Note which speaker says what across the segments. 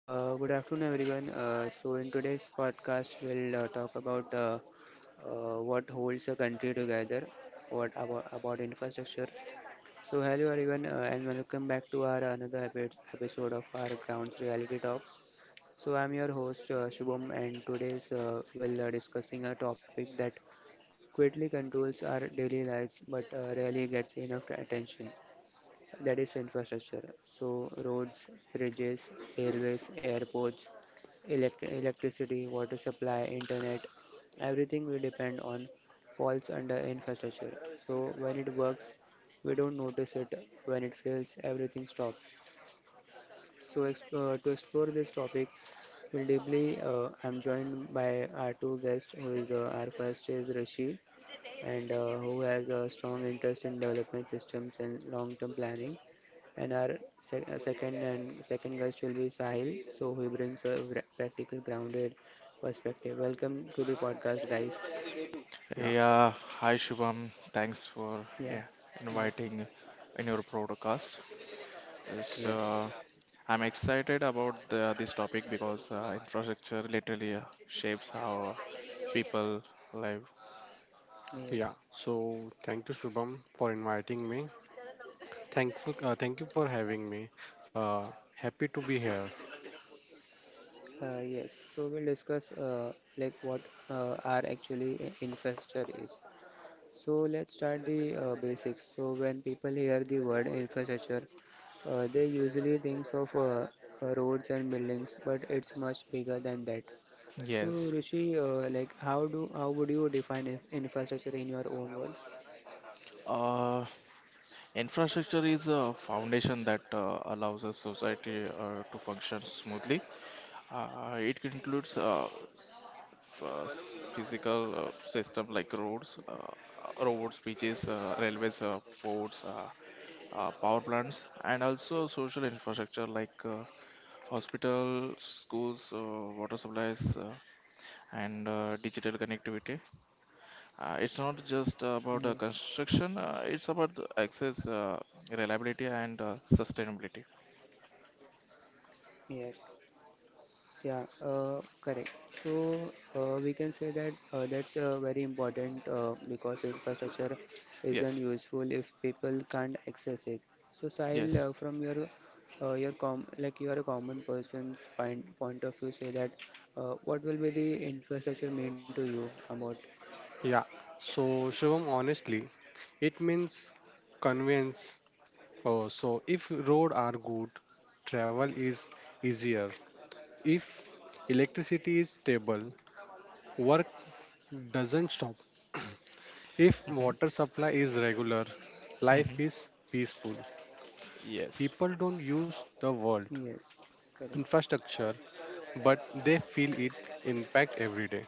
Speaker 1: Good afternoon, everyone. So, in today's podcast, we'll talk about what holds a country together, what about infrastructure. So, hello, everyone, and welcome back to our another episode of our Grounds Reality Talks. So, I'm your host Shubham, and today's we'll discussing a topic that quietly controls our daily lives but rarely gets enough attention, that is infrastructure. So, roads, bridges, railways, airports, electricity, water supply, internet, everything we depend on falls under infrastructure. So, when it works, we don't notice it. When it fails, everything stops. So, exp- to explore this topic, I'm joined by our two guests, who is our first is Rishi, and who has a strong interest in development systems and long-term planning. And our second guest will be Sahil, so he brings a practical, grounded perspective. Welcome to the podcast, guys.
Speaker 2: Yeah,
Speaker 3: Yeah, Hi Shubham. Thanks for
Speaker 1: Yeah. Yes.
Speaker 3: inviting in your podcast. Uh,
Speaker 1: Yeah.
Speaker 3: So I'm excited about this topic because infrastructure literally shapes how people live.
Speaker 1: Yes.
Speaker 2: yeah. So thank you, Shubham, for inviting me. Thank you for having me. Uh, Happy to be here.
Speaker 1: Yes. So we'll discuss like what are actually, infrastructure is. So let's start the basics. So when people hear the word infrastructure, they usually think of roads and buildings, but it's much bigger than that. So
Speaker 3: Yes.
Speaker 1: Rishi, like how would you define infrastructure in your own words?
Speaker 3: Uh, Infrastructure is a foundation that allows a society to function smoothly. It includes physical system like roads, beaches, railways, forts, power plants, and also social infrastructure like hospitals, schools, water supplies, and digital connectivity. It's not just
Speaker 1: Yes.
Speaker 3: about construction; it's about the access, reliability, and sustainability.
Speaker 1: Yes. Yeah, correct. So we can say that that's very important, because infrastructure isn't
Speaker 3: Yes,
Speaker 1: useful if people can't access it. So Sahil,
Speaker 3: yes.
Speaker 1: from your com like you are a common person's point of view, say that, what will be the infrastructure mean to you about?
Speaker 2: Yeah. So Shubham, honestly, it means convenience. Oh, so if road are good, travel is easier. If electricity is stable, work doesn't stop. If
Speaker 3: Hmm.
Speaker 2: water supply is regular,
Speaker 3: Hmm.
Speaker 2: life is peaceful.
Speaker 3: Yes.
Speaker 2: People don't use the world
Speaker 1: Yes, correct.
Speaker 2: infrastructure but they feel it impact every day.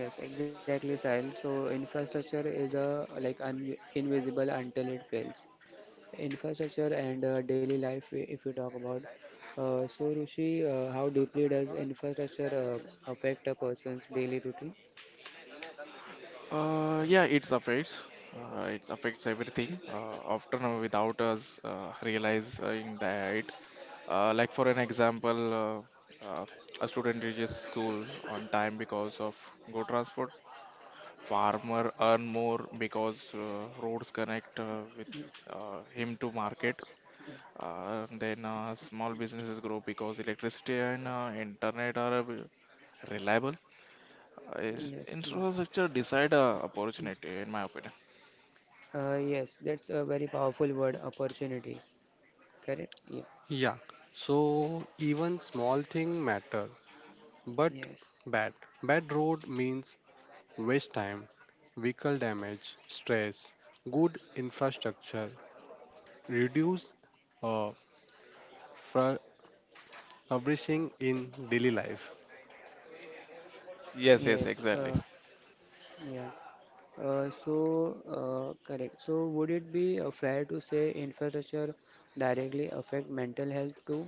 Speaker 1: Yes, exactly, Sahil. So infrastructure is a like un invisible until it fails. Infrastructure and daily life, if we talk about, Rushi, how deeply does infrastructure affect a person's daily routine?
Speaker 3: Yeah, it affects everything, often without us realizing that. Like for an example, uh, uh, a student reaches school on time because of good transport. Farmer earn more because roads connect with him to market. Then Small businesses grow because electricity and internet are reliable. Uh,
Speaker 1: Yes, yeah.
Speaker 3: Infrastructure decide opportunity, in my opinion.
Speaker 1: Uh, yes, that's a very powerful word, opportunity. Correct, yeah.
Speaker 2: Yeah, so even small thing matter, but
Speaker 1: Yes,
Speaker 2: bad. Bad road means waste time, vehicle damage, stress, good infrastructure, reduce uh, fr- flourishing in daily life.
Speaker 3: Yes, yes,
Speaker 1: yes.
Speaker 3: exactly.
Speaker 1: Uh, yeah. Uh, so, correct, so would it be fair to say infrastructure directly affect mental health too?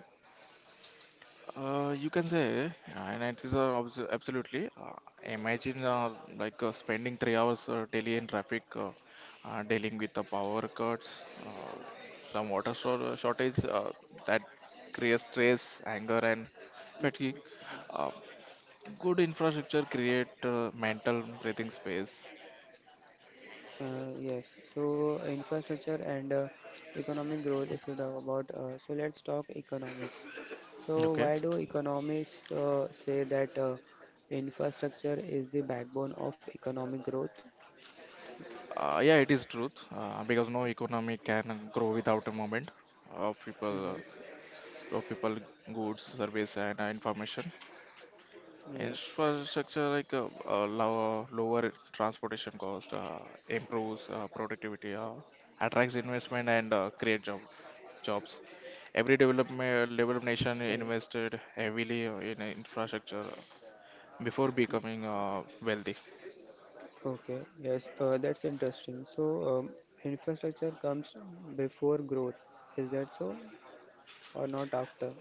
Speaker 3: You can say, and it is absolutely. Imagine spending 3 hours daily in traffic, dealing with the power cuts, some shortage that creates stress, anger, and fatigue. Uh, Good infrastructure create mental breathing space.
Speaker 1: Yes, so infrastructure and economic growth, if you talk about. So let's talk economics. So,
Speaker 3: Okay.
Speaker 1: why do economists say that infrastructure is the backbone of economic growth?
Speaker 3: Yeah, it is truth because no economy can grow without a moment of
Speaker 1: Yes,
Speaker 3: people uh, of people, goods, service, and information.
Speaker 1: yes,
Speaker 3: Infrastructure like lower transportation cost, improves productivity, attracts investment, and create jobs. Every development developed nation
Speaker 1: yes.
Speaker 3: invested heavily in infrastructure before becoming wealthy.
Speaker 1: Okay, yes, that's interesting. So, infrastructure comes before growth, is that so, or not after?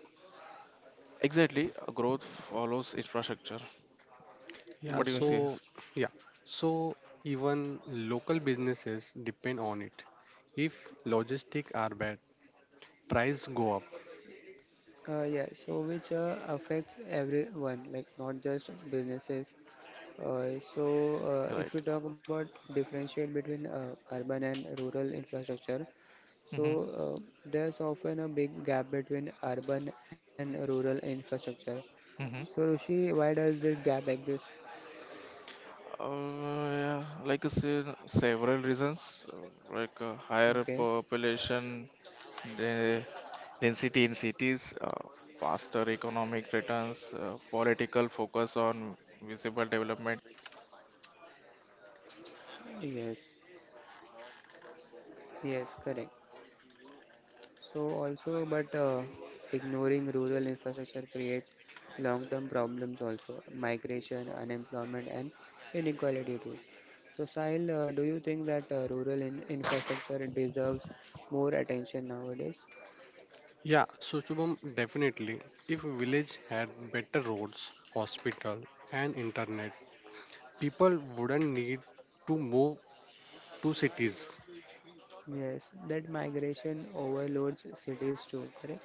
Speaker 3: Exactly, growth follows infrastructure.
Speaker 2: Yeah,
Speaker 3: What do you
Speaker 1: Okay.
Speaker 3: say?
Speaker 2: so yeah, so even local businesses depend on it. If logistics are bad, price go up.
Speaker 1: Yeah, so which affects everyone, like not just businesses. So, if
Speaker 3: Right.
Speaker 1: you talk about differentiate between urban and rural infrastructure, so
Speaker 3: Mm-hmm.
Speaker 1: there's often a big gap between urban and rural infrastructure.
Speaker 3: Mm-hmm.
Speaker 1: So, Rushi, why does this gap exist?
Speaker 3: Uh, yeah, like I said, several reasons, higher
Speaker 1: Okay,
Speaker 3: population de- density in cities, faster economic returns, political focus on visible development.
Speaker 1: yes, yes, correct. So also, but ignoring rural infrastructure creates long-term problems also, migration, unemployment, and inequality too. So Sahil, do you think that rural in infrastructure deserves more attention nowadays?
Speaker 2: Yeah, so Shubham, definitely. If village had better roads, hospital, and internet, people wouldn't need to move to cities.
Speaker 1: Yes, that migration overloads cities too, correct?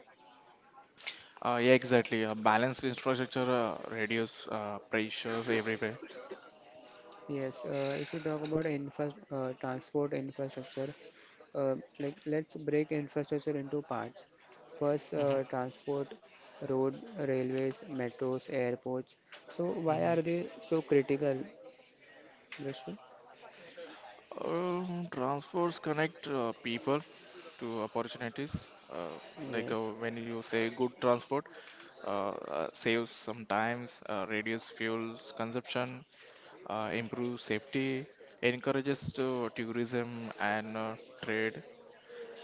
Speaker 3: Yeah, exactly. Balanced infrastructure reduce pressures everywhere.
Speaker 1: Yes, if you talk about infra transport infrastructure, like let's break infrastructure into parts. First,
Speaker 3: hmm
Speaker 1: transport, road, railways, metros, airports. So why
Speaker 3: hmm
Speaker 1: are they so critical, Brishul?
Speaker 3: Transports connect people to opportunities.
Speaker 1: Yes,
Speaker 3: When you say good transport, uh, saves sometimes, reduces fuel consumption, improves safety, encourages to tourism and trade.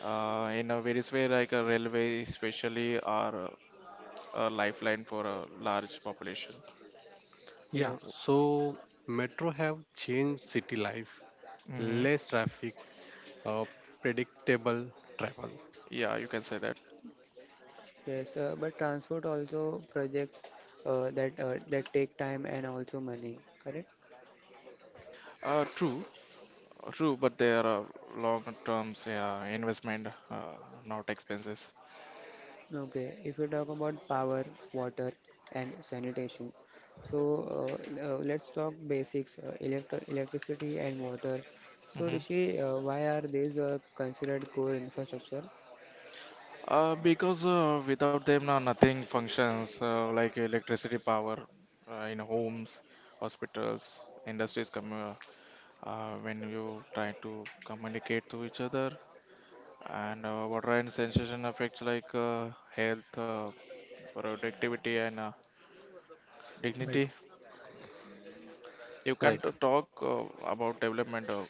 Speaker 3: In a various way, like a railway, especially, are a lifeline for a large population.
Speaker 2: Yeah,
Speaker 1: yes,
Speaker 2: so metro have changed city life,
Speaker 3: Hmm.
Speaker 2: less traffic, uh, predictable travel.
Speaker 3: Yeah, you can say that.
Speaker 1: yes. But transport also projects that, that take time and also money, correct?
Speaker 3: True. True, but they are long terms, yeah, investment, not expenses.
Speaker 1: Okay, if you talk about power, water, and sanitation, so let's talk basics: electricity and water. So,
Speaker 3: hmm
Speaker 1: Rishi, why are these considered core infrastructure?
Speaker 3: Because without them, nothing functions like electricity power in homes, hospitals, industries. Come When you try to communicate to each other, and water and sensation affects like health, productivity, and
Speaker 2: Right,
Speaker 3: dignity. You can't
Speaker 2: right.
Speaker 3: talk about development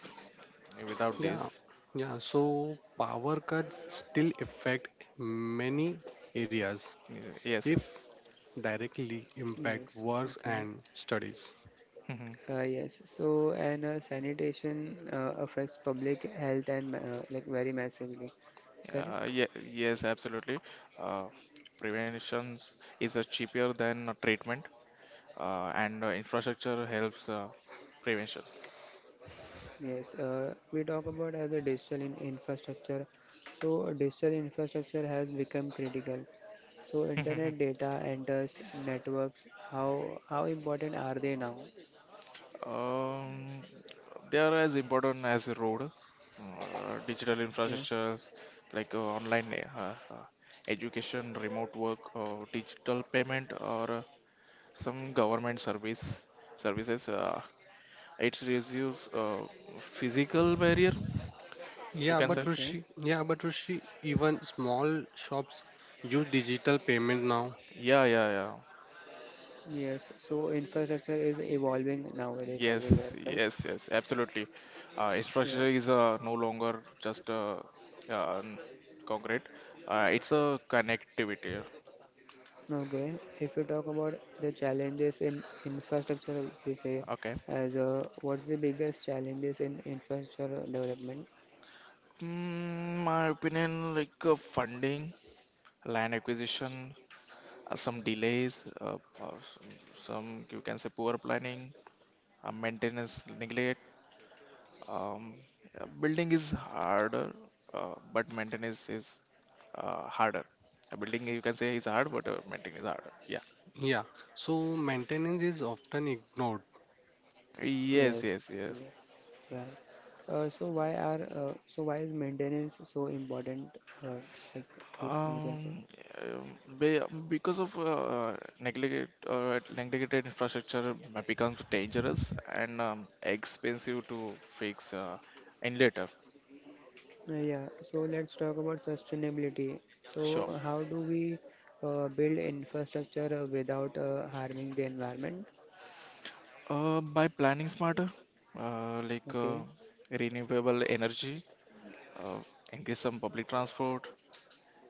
Speaker 3: without
Speaker 2: Yeah,
Speaker 3: this.
Speaker 2: yeah. So power cuts still affect many areas,
Speaker 3: Y- Yes,
Speaker 2: if
Speaker 3: yes.
Speaker 2: directly impact
Speaker 1: Yes,
Speaker 2: works
Speaker 1: okay.
Speaker 2: and studies.
Speaker 3: hmm
Speaker 1: Yes, so, and sanitation affects public health and like very massively, correct?
Speaker 3: Ye Yes, absolutely. Uh, Prevention is cheaper than treatment, and infrastructure helps prevention.
Speaker 1: Yes, we talk about as a digital in infrastructure. So digital infrastructure has become critical. So internet data enters networks. How important are they now?
Speaker 3: Um, they are as important as the road. Digital
Speaker 1: Okay,
Speaker 3: infrastructure like online education, remote work, or digital payment, or some government services. It reduces physical barrier, you
Speaker 2: Yeah,
Speaker 3: can
Speaker 2: but
Speaker 3: say.
Speaker 1: okay.
Speaker 2: Rishi, yeah, but Rishi, even small shops use digital payment now.
Speaker 3: Yeah, yeah, yeah.
Speaker 1: Yes. So infrastructure is evolving nowadays everywhere,
Speaker 3: Yes,
Speaker 1: correct.
Speaker 3: yes, yes, absolutely.
Speaker 1: Yeah.
Speaker 3: Infrastructure is no longer just uh, n- concrete. It's a connectivity.
Speaker 1: Okay. If you talk about the challenges in infrastructure, we say
Speaker 3: Okay.
Speaker 1: as, what's the biggest challenges in infrastructure development?
Speaker 3: My opinion, like funding, land acquisition, some delays, some you can say poor planning, maintenance neglect. Um, Building is harder, but maintenance is harder. Building you can say is hard, but maintenance is harder. Yeah.
Speaker 2: Yeah, so maintenance is often ignored.
Speaker 3: Yes,
Speaker 1: Yes,
Speaker 3: yes, yes.
Speaker 1: yes. Right. So why is maintenance so important? Uh, like this we can say.
Speaker 3: Um, um, be, because of neglected infrastructure becomes dangerous and expensive to fix in later.
Speaker 1: Yeah. So let's talk about sustainability. So
Speaker 3: Sure.
Speaker 1: how do we build infrastructure without harming the environment?
Speaker 3: By planning smarter, uh, like uh,
Speaker 1: Okay.
Speaker 3: renewable energy, uh, increase some public transport,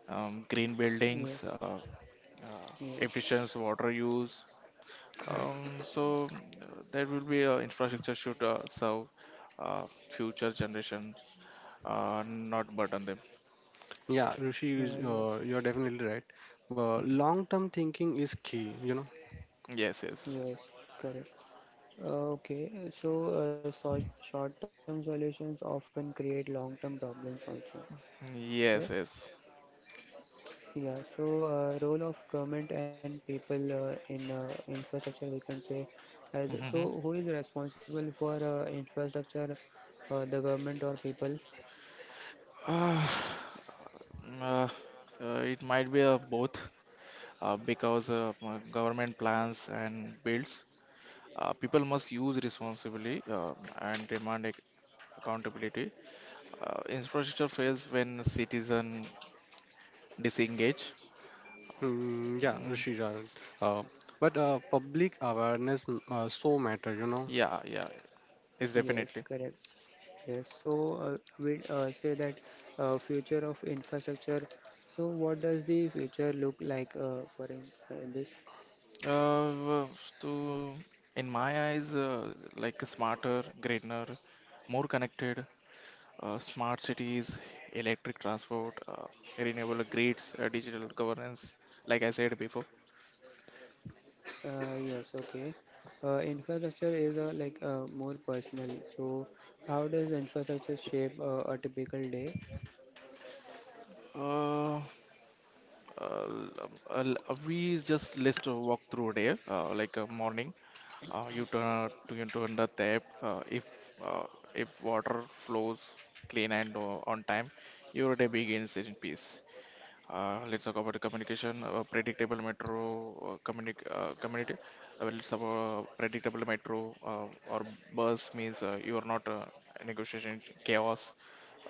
Speaker 3: green buildings,
Speaker 1: Yes.
Speaker 3: efficient
Speaker 1: Yes.
Speaker 3: water use.
Speaker 2: Right.
Speaker 3: So there will be Infrastructure should serve uh, future generations, not burden them.
Speaker 2: Yeah, Rishi, is,
Speaker 1: Yes.
Speaker 2: uh, you're definitely right. But long-term thinking is key, you know.
Speaker 3: Yes, yes,
Speaker 1: Yes. Correct. Okay. So short-term solutions often create long-term problems also, correct.
Speaker 3: yes, yes.
Speaker 1: Yeah, so role of government and people in infrastructure, we can say, as,
Speaker 3: Mhm.
Speaker 1: so who is responsible for infrastructure, the government or people?
Speaker 3: Uh, uh, it might be both, because government plans and builds. People must use responsibly and demand accountability. Infrastructure fails when citizen disengage.
Speaker 2: Mm, yeah,
Speaker 3: Mm,
Speaker 2: Rishi, you're right. uh, but public awareness, so matter, you know.
Speaker 3: yeah, yeah, it's
Speaker 1: Yes,
Speaker 3: definitely.
Speaker 1: correct. Yes, so we say that future of infrastructure. So what does the future look like in this?
Speaker 3: Uh, to In my eyes, smarter, greener, more connected, smart cities, electric transport, renewable grids, digital governance. Like I said before,
Speaker 1: Yes, okay. Infrastructure is like more personal. So how does infrastructure shape a typical day?
Speaker 3: uh, uh, l- um, uh, we just list a walk through a day, like a morning. You turn the tap. Uh, if water flows clean and on time, your day begins in peace. Let's talk about the communication, predictable metro communi community. Let's talk about predictable metro or bus means you are not negotiating chaos.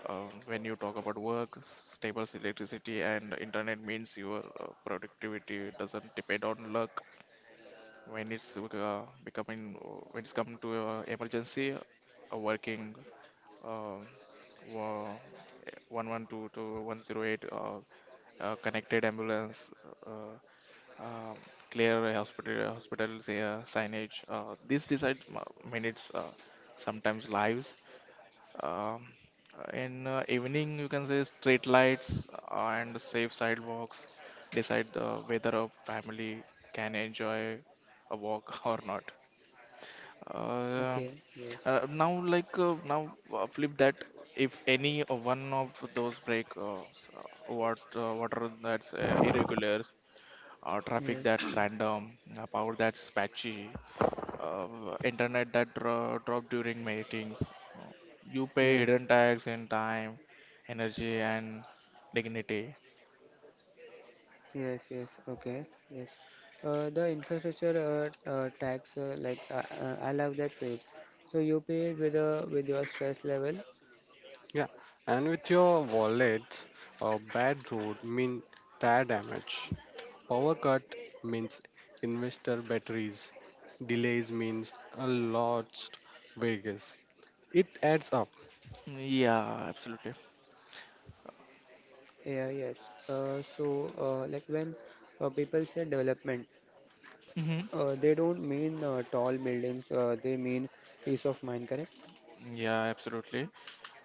Speaker 3: When you talk about work, stable electricity and internet means your productivity doesn't depend on luck. When it's uh, becoming uh, when it's come to emergency uh, working uh, wa- 112 to 108, connected ambulance, uh, um, clear hospitals signage, this decides minutes, sometimes lives. um, in evening, you can say street lights and safe sidewalks decide the whether a family can enjoy a walk or not. Uh,
Speaker 1: Okay, yes,
Speaker 3: Now, flip that. If any one of those break, what are that's irregulars, traffic
Speaker 1: yes,
Speaker 3: that's random, power that's patchy, internet that drop during meetings. Uh, You pay
Speaker 1: yes,
Speaker 3: hidden tax in time, energy, and dignity.
Speaker 1: yes, yes, okay, yes. The infrastructure tax, like, I love that page. So you pay it with your stress level.
Speaker 2: Yeah, and with your wallet, bad road mean tire damage. Power cut means investor batteries. Delays means a lost Vegas. It adds up.
Speaker 3: Yeah, absolutely.
Speaker 1: Yeah, yes. So like when people say development,
Speaker 3: Hmm.
Speaker 1: they don't mean tall buildings. They mean peace of mind, correct?
Speaker 3: Yeah, absolutely.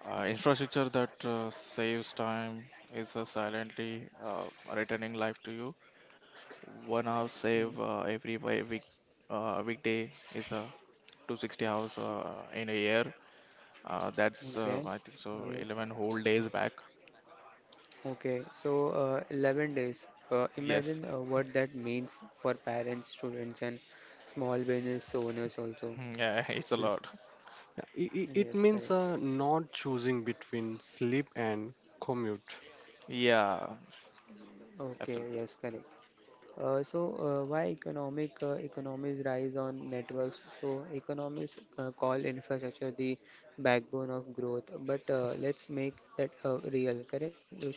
Speaker 3: Infrastructure that saves time is silently returning life to you. 1 hour save
Speaker 1: Mm.
Speaker 3: week, weekday is 260 hours in a year. That's
Speaker 1: Okay.
Speaker 3: I think so
Speaker 1: Yes.
Speaker 3: 11 whole days back.
Speaker 1: Okay, so 11 days.
Speaker 3: Yes.
Speaker 1: Imagine what that means for parents, students, and small business owners also.
Speaker 3: Hmm, yeah, it's a
Speaker 2: Yeah.
Speaker 3: lot.
Speaker 1: Yes,
Speaker 2: It
Speaker 1: correct.
Speaker 2: means not choosing between sleep and commute.
Speaker 3: Yeah,
Speaker 1: Okay,
Speaker 3: absolutely.
Speaker 1: yes, correct. So why economic economies rise on networks? So economists call infrastructure the backbone of growth, but let's make that real, correct, Rishi?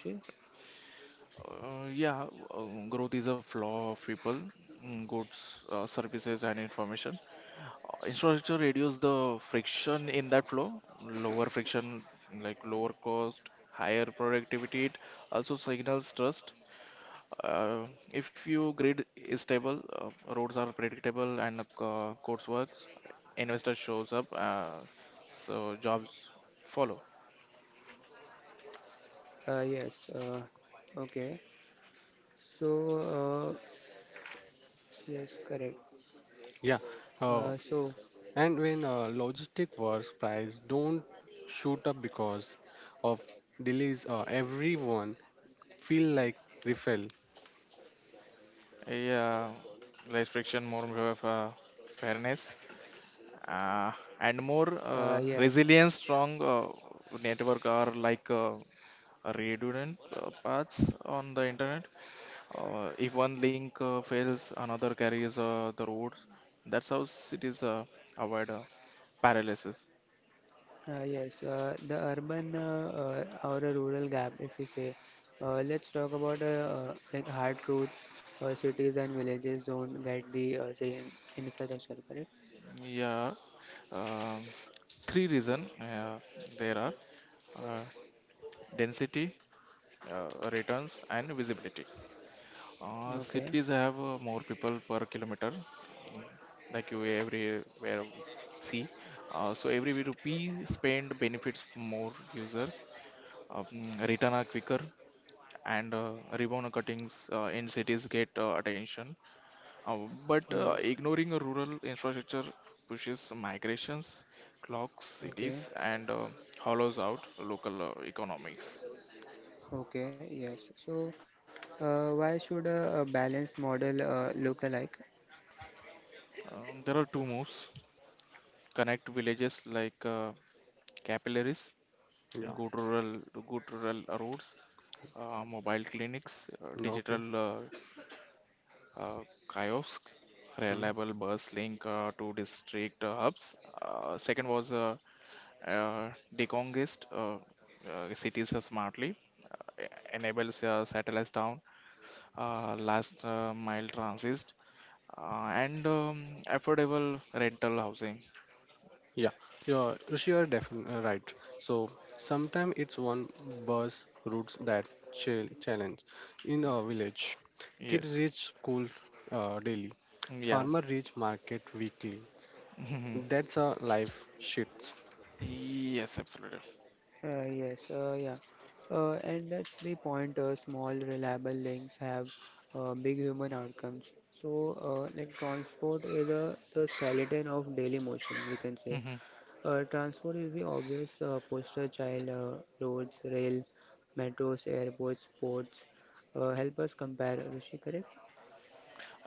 Speaker 3: Yeah, growth is a flaw of people, goods, services, and information. Infrastructure reduces the friction in that flow. Lower friction, like lower cost, higher productivity. It also signals trust. Uh, if your grid is stable, roads are predictable, and codes works, investor shows up, so jobs follow.
Speaker 1: Yes. Okay. So uh, yes, correct.
Speaker 2: Yeah. Uh,
Speaker 1: So
Speaker 2: and when logistic works, price don't shoot up because of delays. Everyone feel like refill.
Speaker 3: Yeah, less friction, more of fairness, uh, and more
Speaker 1: yes.
Speaker 3: resilience. Strong network are like redundant paths on the internet. If one link fails, another carries the roads. That's how cities avoid paralysis.
Speaker 1: Yes, the urban, or a rural gap, if we say. Let's talk about like hard truth. Cities and villages don't get the same infrastructure, correct?
Speaker 3: Yeah, um, three reason there are uh, density, returns, and visibility. Cities
Speaker 1: Okay.
Speaker 3: have more people per kilometer, like you everywhere see. So every rupee spent benefits more users, um, return are quicker, and ribbon cuttings in cities get attention. Uh, but
Speaker 1: Yes.
Speaker 3: ignoring rural infrastructure pushes migrations, clogs cities,
Speaker 1: Okay.
Speaker 3: and hollows out local economics.
Speaker 1: Okay. Yes. So, why should a balanced model look alike?
Speaker 3: There are two moves: connect villages like capillaries,
Speaker 2: Yeah.
Speaker 3: good rural, good rural roads, mobile clinics,
Speaker 2: Okay.
Speaker 3: digital uh, kiosk,
Speaker 2: Hmm.
Speaker 3: reliable bus link to district hubs. Second was uh, decongest cities smartly, uh, enables satellite town, last mile transit, and affordable rental housing.
Speaker 2: Yeah, you're, you're definitely right. So sometimes it's one bus routes that challenge. In a village, kids
Speaker 3: Yes,
Speaker 2: reach school daily,
Speaker 3: yeah,
Speaker 2: farmer reach market weekly. That's a life shift.
Speaker 3: yes, absolutely.
Speaker 1: Yes, yeah. And that's the point. Small, reliable links have big human outcomes. So, like transport is a, the skeleton of daily motion, we can say. Transport is the obvious poster child. Roads, rail, metros, airports, ports. Help us compare, Rishi, correct?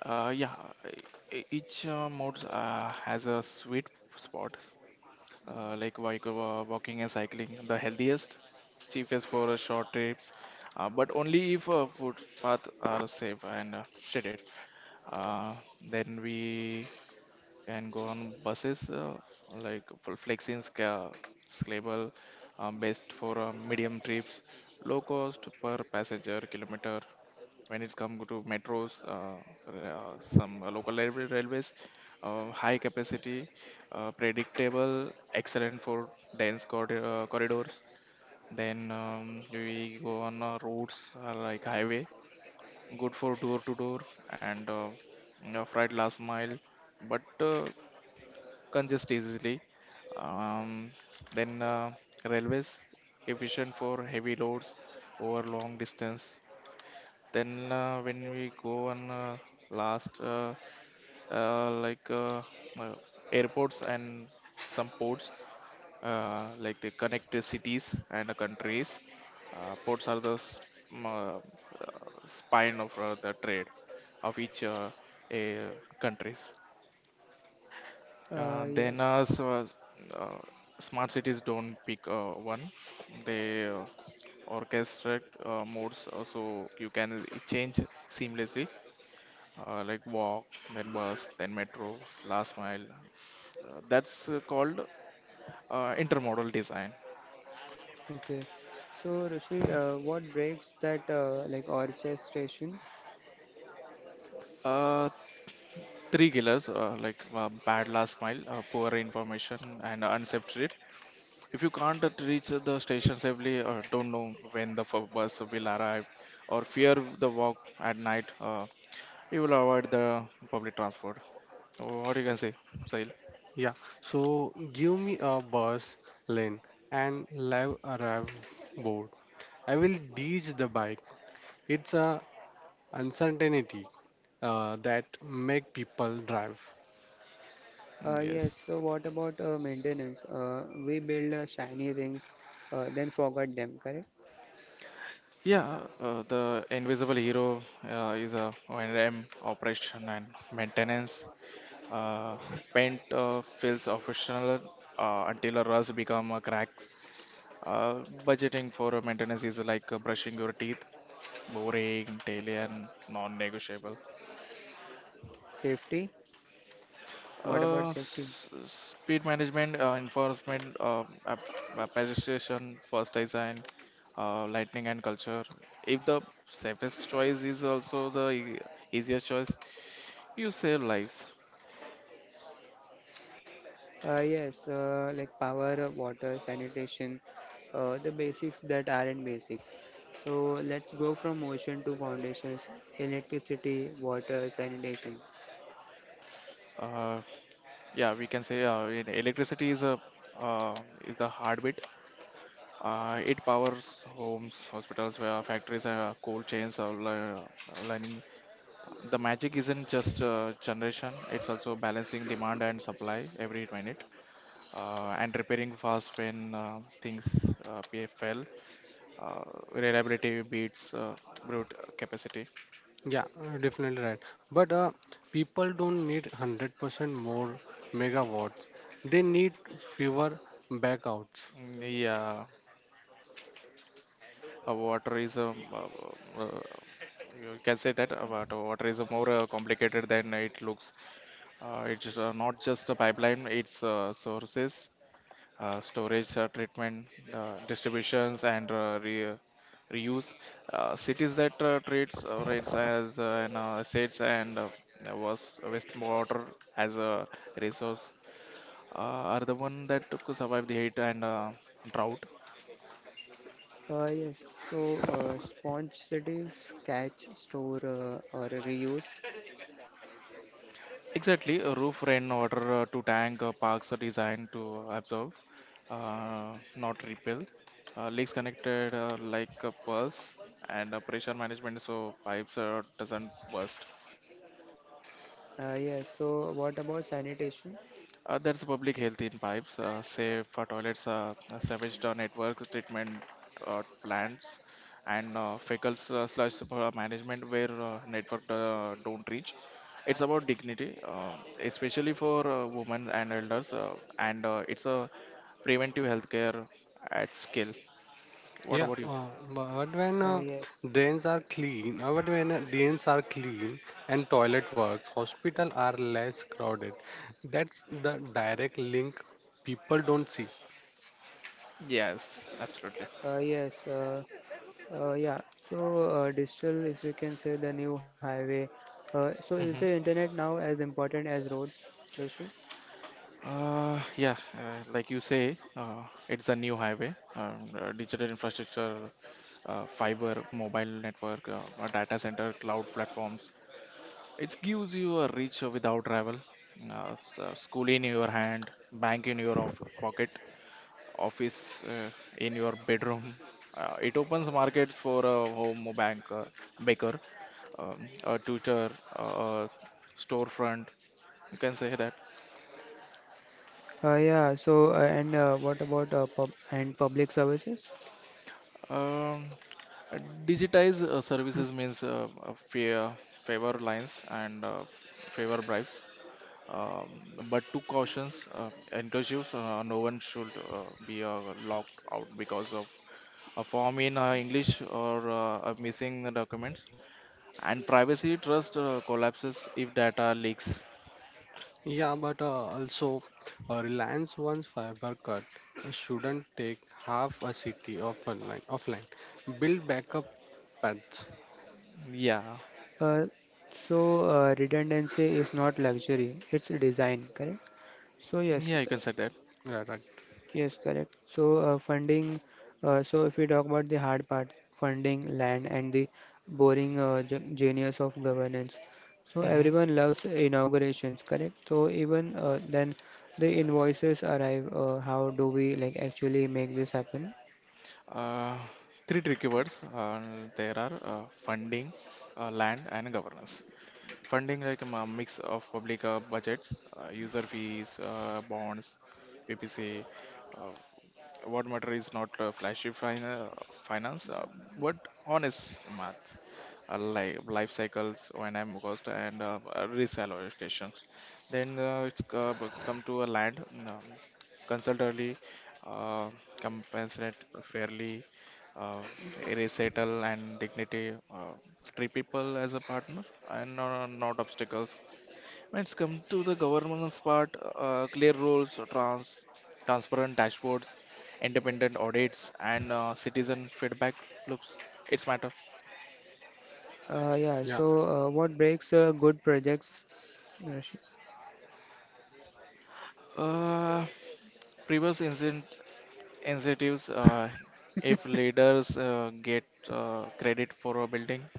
Speaker 3: Yeah, each mode has a sweet spot, walking and cycling, the healthiest, cheapest for short trips, but only if footpaths are safe and shaded. Uh, then we can go on buses, for flexing scale scalable, best for medium trips, low cost per passenger kilometer. When it comes to metros, some railways, high capacity, predictable, excellent for dense corridors. Then we go on roads, like highway, good for door to door and freight last mile, but congest easily. Um, then railways, efficient for heavy loads over long distance. Then when we go on last like uh, airports and some ports, they connect the cities and the countries. Ports are the m- uh, uh, spine of the trade of each a countries. Uh, then
Speaker 1: Yes.
Speaker 3: uh, s- uh, s- uh, Smart cities don't pick one. They orchestrate modes so you can change seamlessly, like walk, then bus, then metro, last mile. That's called intermodal design.
Speaker 1: Okay. So, Rishi, what breaks that like orchestration?
Speaker 3: Uh, Three killers, bad last mile, poor information, and unsafe trip. If you can't reach the station safely, don't know when the bus will arrive, or fear the walk at night, you will avoid the public transport. What you can say, Sahil?
Speaker 2: Yeah. So give me a bus lane and live arrive board. I will ditch the bike. It's a uncertainty that make people drive.
Speaker 3: Mm. Yes.
Speaker 1: Yes, so what about maintenance? We build shiny rings, then forget them, correct?
Speaker 3: Yeah, the Invisible Hero is a O&M, operation and maintenance. Uh, Paint feels official until a rust become a crack. Uh, Budgeting for a maintenance is like brushing your teeth, boring, daily, and non-negotiable.
Speaker 1: Safety? What about safety?
Speaker 3: Speed management, enforcement, registration, first design, lightning and culture. If the safest choice is also the easiest choice, you save lives.
Speaker 1: Yes, like power, water, sanitation, the basics that aren't basic. So let's go from ocean to foundations, electricity, water, sanitation.
Speaker 3: Uh, yeah, we can say electricity is a uh, is the heartbeat. It powers homes, hospitals, factories, cold chains, lining. The magic isn't just generation; it's also balancing demand and supply every minute. And repairing fast when things fell. Uh, Reliability beats brute capacity.
Speaker 2: Yeah, definitely right. But people don't need 100% more megawatts. They need fewer backouts.
Speaker 3: Mm, yeah, water is a uh, you can say that but water is a more complicated than it looks. It's not just a pipeline; it's sources, storage, treatment, distributions, and re reuse. Cities that treats rates as an assets and was wastewater as a resource uh, are the one that could survive the heat and drought.
Speaker 1: Yes, so sponge cities, catch, store, or reuse.
Speaker 3: Exactly, a roof rainwater to tank parks are designed to absorb, not repel. Leaks connected like a pulse, and pressure management so pipes doesn't burst.
Speaker 1: Yes, so what about sanitation?
Speaker 3: There's public health in pipes, say for toilets, sewage network treatment plants, and fecal slash management where network don't reach. It's about dignity, especially for women and elders, and it's a preventive healthcare at scale. What
Speaker 2: Yeah,
Speaker 3: about you?
Speaker 2: bu- but when
Speaker 1: Yes.
Speaker 2: drains are clean, but when drains are clean and toilet works, hospital are less crowded. That's the direct link people don't see.
Speaker 3: Yes, absolutely.
Speaker 1: Yes, yeah. So, digital, if we can say, the new highway. So, is the
Speaker 3: Hmm.
Speaker 1: internet now as important as roads, Rishi?
Speaker 3: Yeah, like you say, it's a new highway. Digital infrastructure, fiber, mobile network, a data center, cloud platforms. It gives you a reach without travel. School in your hand, bank in your off pocket, office in your bedroom. It opens markets for a home banker, baker, a tutor, a storefront. You can say that.
Speaker 1: Yeah. So, and what about public services?
Speaker 3: Um, uh, Digitize services means favor lines and favor bribes. Um, but two cautions: inclusives, no one should be locked out because of a form in English or a missing documents. And privacy trust collapses if data leaks.
Speaker 2: Yeah, but also Reliance once fiber cut shouldn't take half a city offline. Offline, build backup pets.
Speaker 3: Yeah,
Speaker 1: Uh, so, redundancy is not luxury; it's design, correct? So, yes.
Speaker 3: yeah, you can say that.
Speaker 2: right, right.
Speaker 1: Yes, correct. So, funding, so if we talk about the hard part, funding, land, and the boring genius of governance. So,
Speaker 3: Hmm.
Speaker 1: everyone loves inaugurations, correct? So, even then, the invoices arrive. How do we, like, actually make this happen?
Speaker 3: Uh, Three tricky words uh, there are funding, land, and governance. Funding like a mix of public budgets, user fees, bonds, PPC. Uh, what matter is not flashy finance but honest math like life cycles O&M cost and risk allocations then it's come to a land, um, consult early, uh, compensate fairly, uh, resettle and dignity, treat people as a partner and not obstacles. When it's come to the governance part, clear rules, transparent dashboards, independent audits, and citizen feedback loops. It's matter.
Speaker 1: Yeah, so
Speaker 2: yeah
Speaker 1: what breaks good projects, Rashid?
Speaker 3: Uh, previous incentives, if leaders get credit for a building,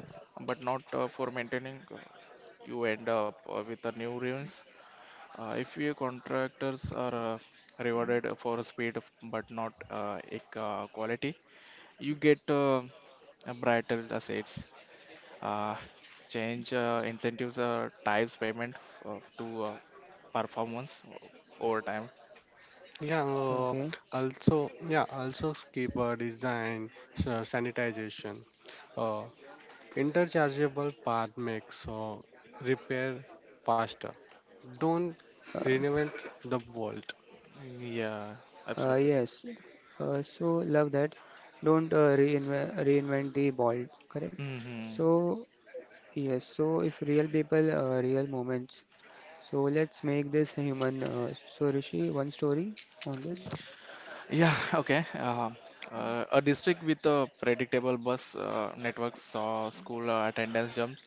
Speaker 3: but not for maintaining, you end up with a new ruins. If your contractors are rewarded for speed, but not quality you get a bridal assets, uh, change incentives, types payment to performance over time.
Speaker 2: yeah uh,
Speaker 1: Okay.
Speaker 2: also yeah also skipper design sanitization, uh, interchangeable part makes repair faster. Don't
Speaker 1: Uh,
Speaker 2: reinvent the world.
Speaker 3: Yeah, absolutely.
Speaker 1: yes. So love that. Don't reinvent the ball, correct?
Speaker 3: Hmm.
Speaker 1: So, yes, so, if real people, real moments. So let's make this human. So Rishi, one story on this.
Speaker 3: Yeah, okay. A district with a predictable bus network saw school attendance jumps.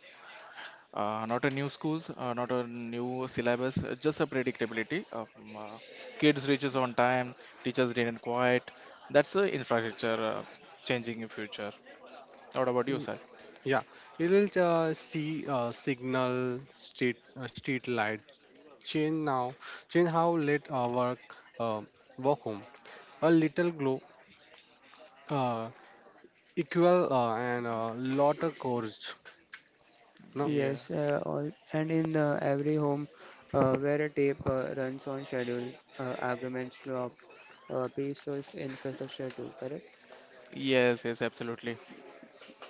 Speaker 3: Not a new schools, not a new syllabus, just a predictability of kids reaches on time, teachers didn't quiet. That's the infrastructure changing in future. What about you,
Speaker 2: Y-
Speaker 3: sir?
Speaker 2: yeah, you will see signal street street light change. Now change how late work, uh, walk home, a little glow, uh, equal, and lot of courage, no.
Speaker 3: Yeah.
Speaker 1: Yes, and in every home where a tape runs on schedule, arguments drop, peace is infrastructure too, correct?
Speaker 3: Yes, yes, absolutely.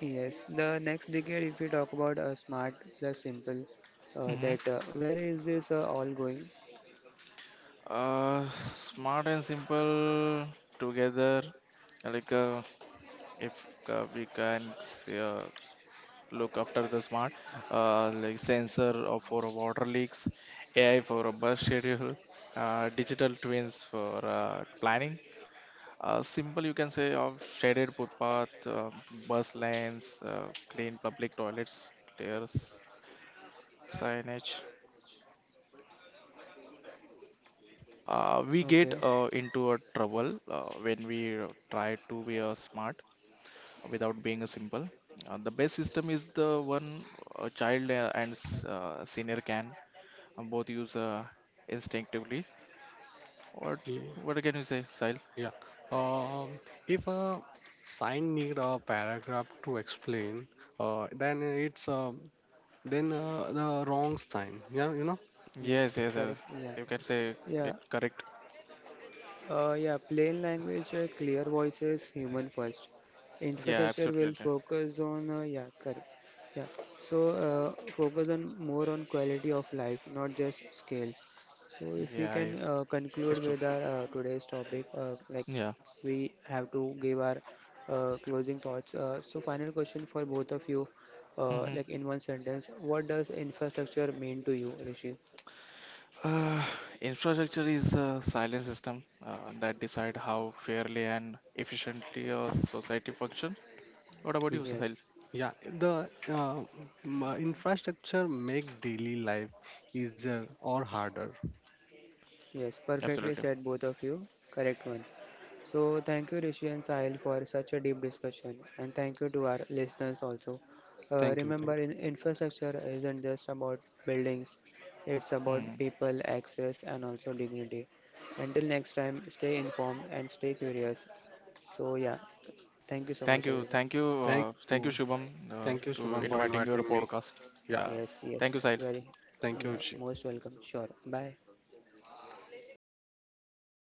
Speaker 1: Yes, the next decade, if we talk about smart plus simple,
Speaker 3: Hmm.
Speaker 1: that where is this all going?
Speaker 3: Smart and simple together. Like if we can say, look after the smart, like sensor for water leaks, AI for a bus schedule, digital twins for planning. Simple, you can say, of shaded footpath, bus lanes, clean public toilets, clear signage. We
Speaker 1: Okay,
Speaker 3: get into a trouble when we try to be a smart without being a simple. The best system is the one a child and senior can both use instinctively. What
Speaker 2: Ye-
Speaker 3: what can you say, Sahil?
Speaker 2: Yeah. Um, if a sign need a paragraph to explain, then it's then the wrong sign. Yeah, you know.
Speaker 1: yes,
Speaker 3: Yes, yes,
Speaker 1: correct,
Speaker 3: yes.
Speaker 1: yeah.
Speaker 3: You can say
Speaker 1: Yeah.
Speaker 3: it correct.
Speaker 1: Yeah, plain language, clear voices, human first.
Speaker 3: Yeah,
Speaker 1: Infrastructure will
Speaker 3: absolutely.
Speaker 1: focus on, yeah, correct. Yeah, so focus on more on quality of life, not just scale. So if we
Speaker 3: Yeah,
Speaker 1: can
Speaker 3: it's
Speaker 1: conclude
Speaker 3: true.
Speaker 1: with our today's topic, like
Speaker 3: Yeah.
Speaker 1: we have to give our closing thoughts. So final question for both of you,
Speaker 3: Hmm.
Speaker 1: like in one sentence, what does infrastructure mean to you, Rishi?
Speaker 3: Uh, Infrastructure is a silent system that decide how fairly and efficiently a society function. What about you,
Speaker 2: Y-
Speaker 3: Sahil?
Speaker 1: Yes,
Speaker 2: Yeah, the infrastructure make daily life easier or harder.
Speaker 1: yes, perfectly
Speaker 3: Absolutely.
Speaker 1: said, both of you. Correct one. So, thank you, Rishi and Sahil, for such a deep discussion, and thank you to our listeners also.
Speaker 2: Thank you. Thank you.
Speaker 1: Remember, in infrastructure isn't just about buildings, it's about
Speaker 3: Mm.
Speaker 1: people, access, and also dignity. Until next time, stay informed and stay curious. So, yeah, thank you so much, everyone.
Speaker 3: Thank you,
Speaker 2: Thank
Speaker 3: thank you,
Speaker 2: you.
Speaker 3: Shubham,
Speaker 2: Thank you,
Speaker 3: to
Speaker 2: Shubham, for
Speaker 1: Yes,
Speaker 3: inviting your
Speaker 2: inviting me.
Speaker 3: podcast.
Speaker 2: Yeah.
Speaker 3: Yeah,
Speaker 1: yes,
Speaker 3: thank
Speaker 1: yes,
Speaker 3: you, Sahil.
Speaker 1: very,
Speaker 2: Thank you.
Speaker 1: yeah,
Speaker 2: Shi.
Speaker 1: most welcome. Sure, bye.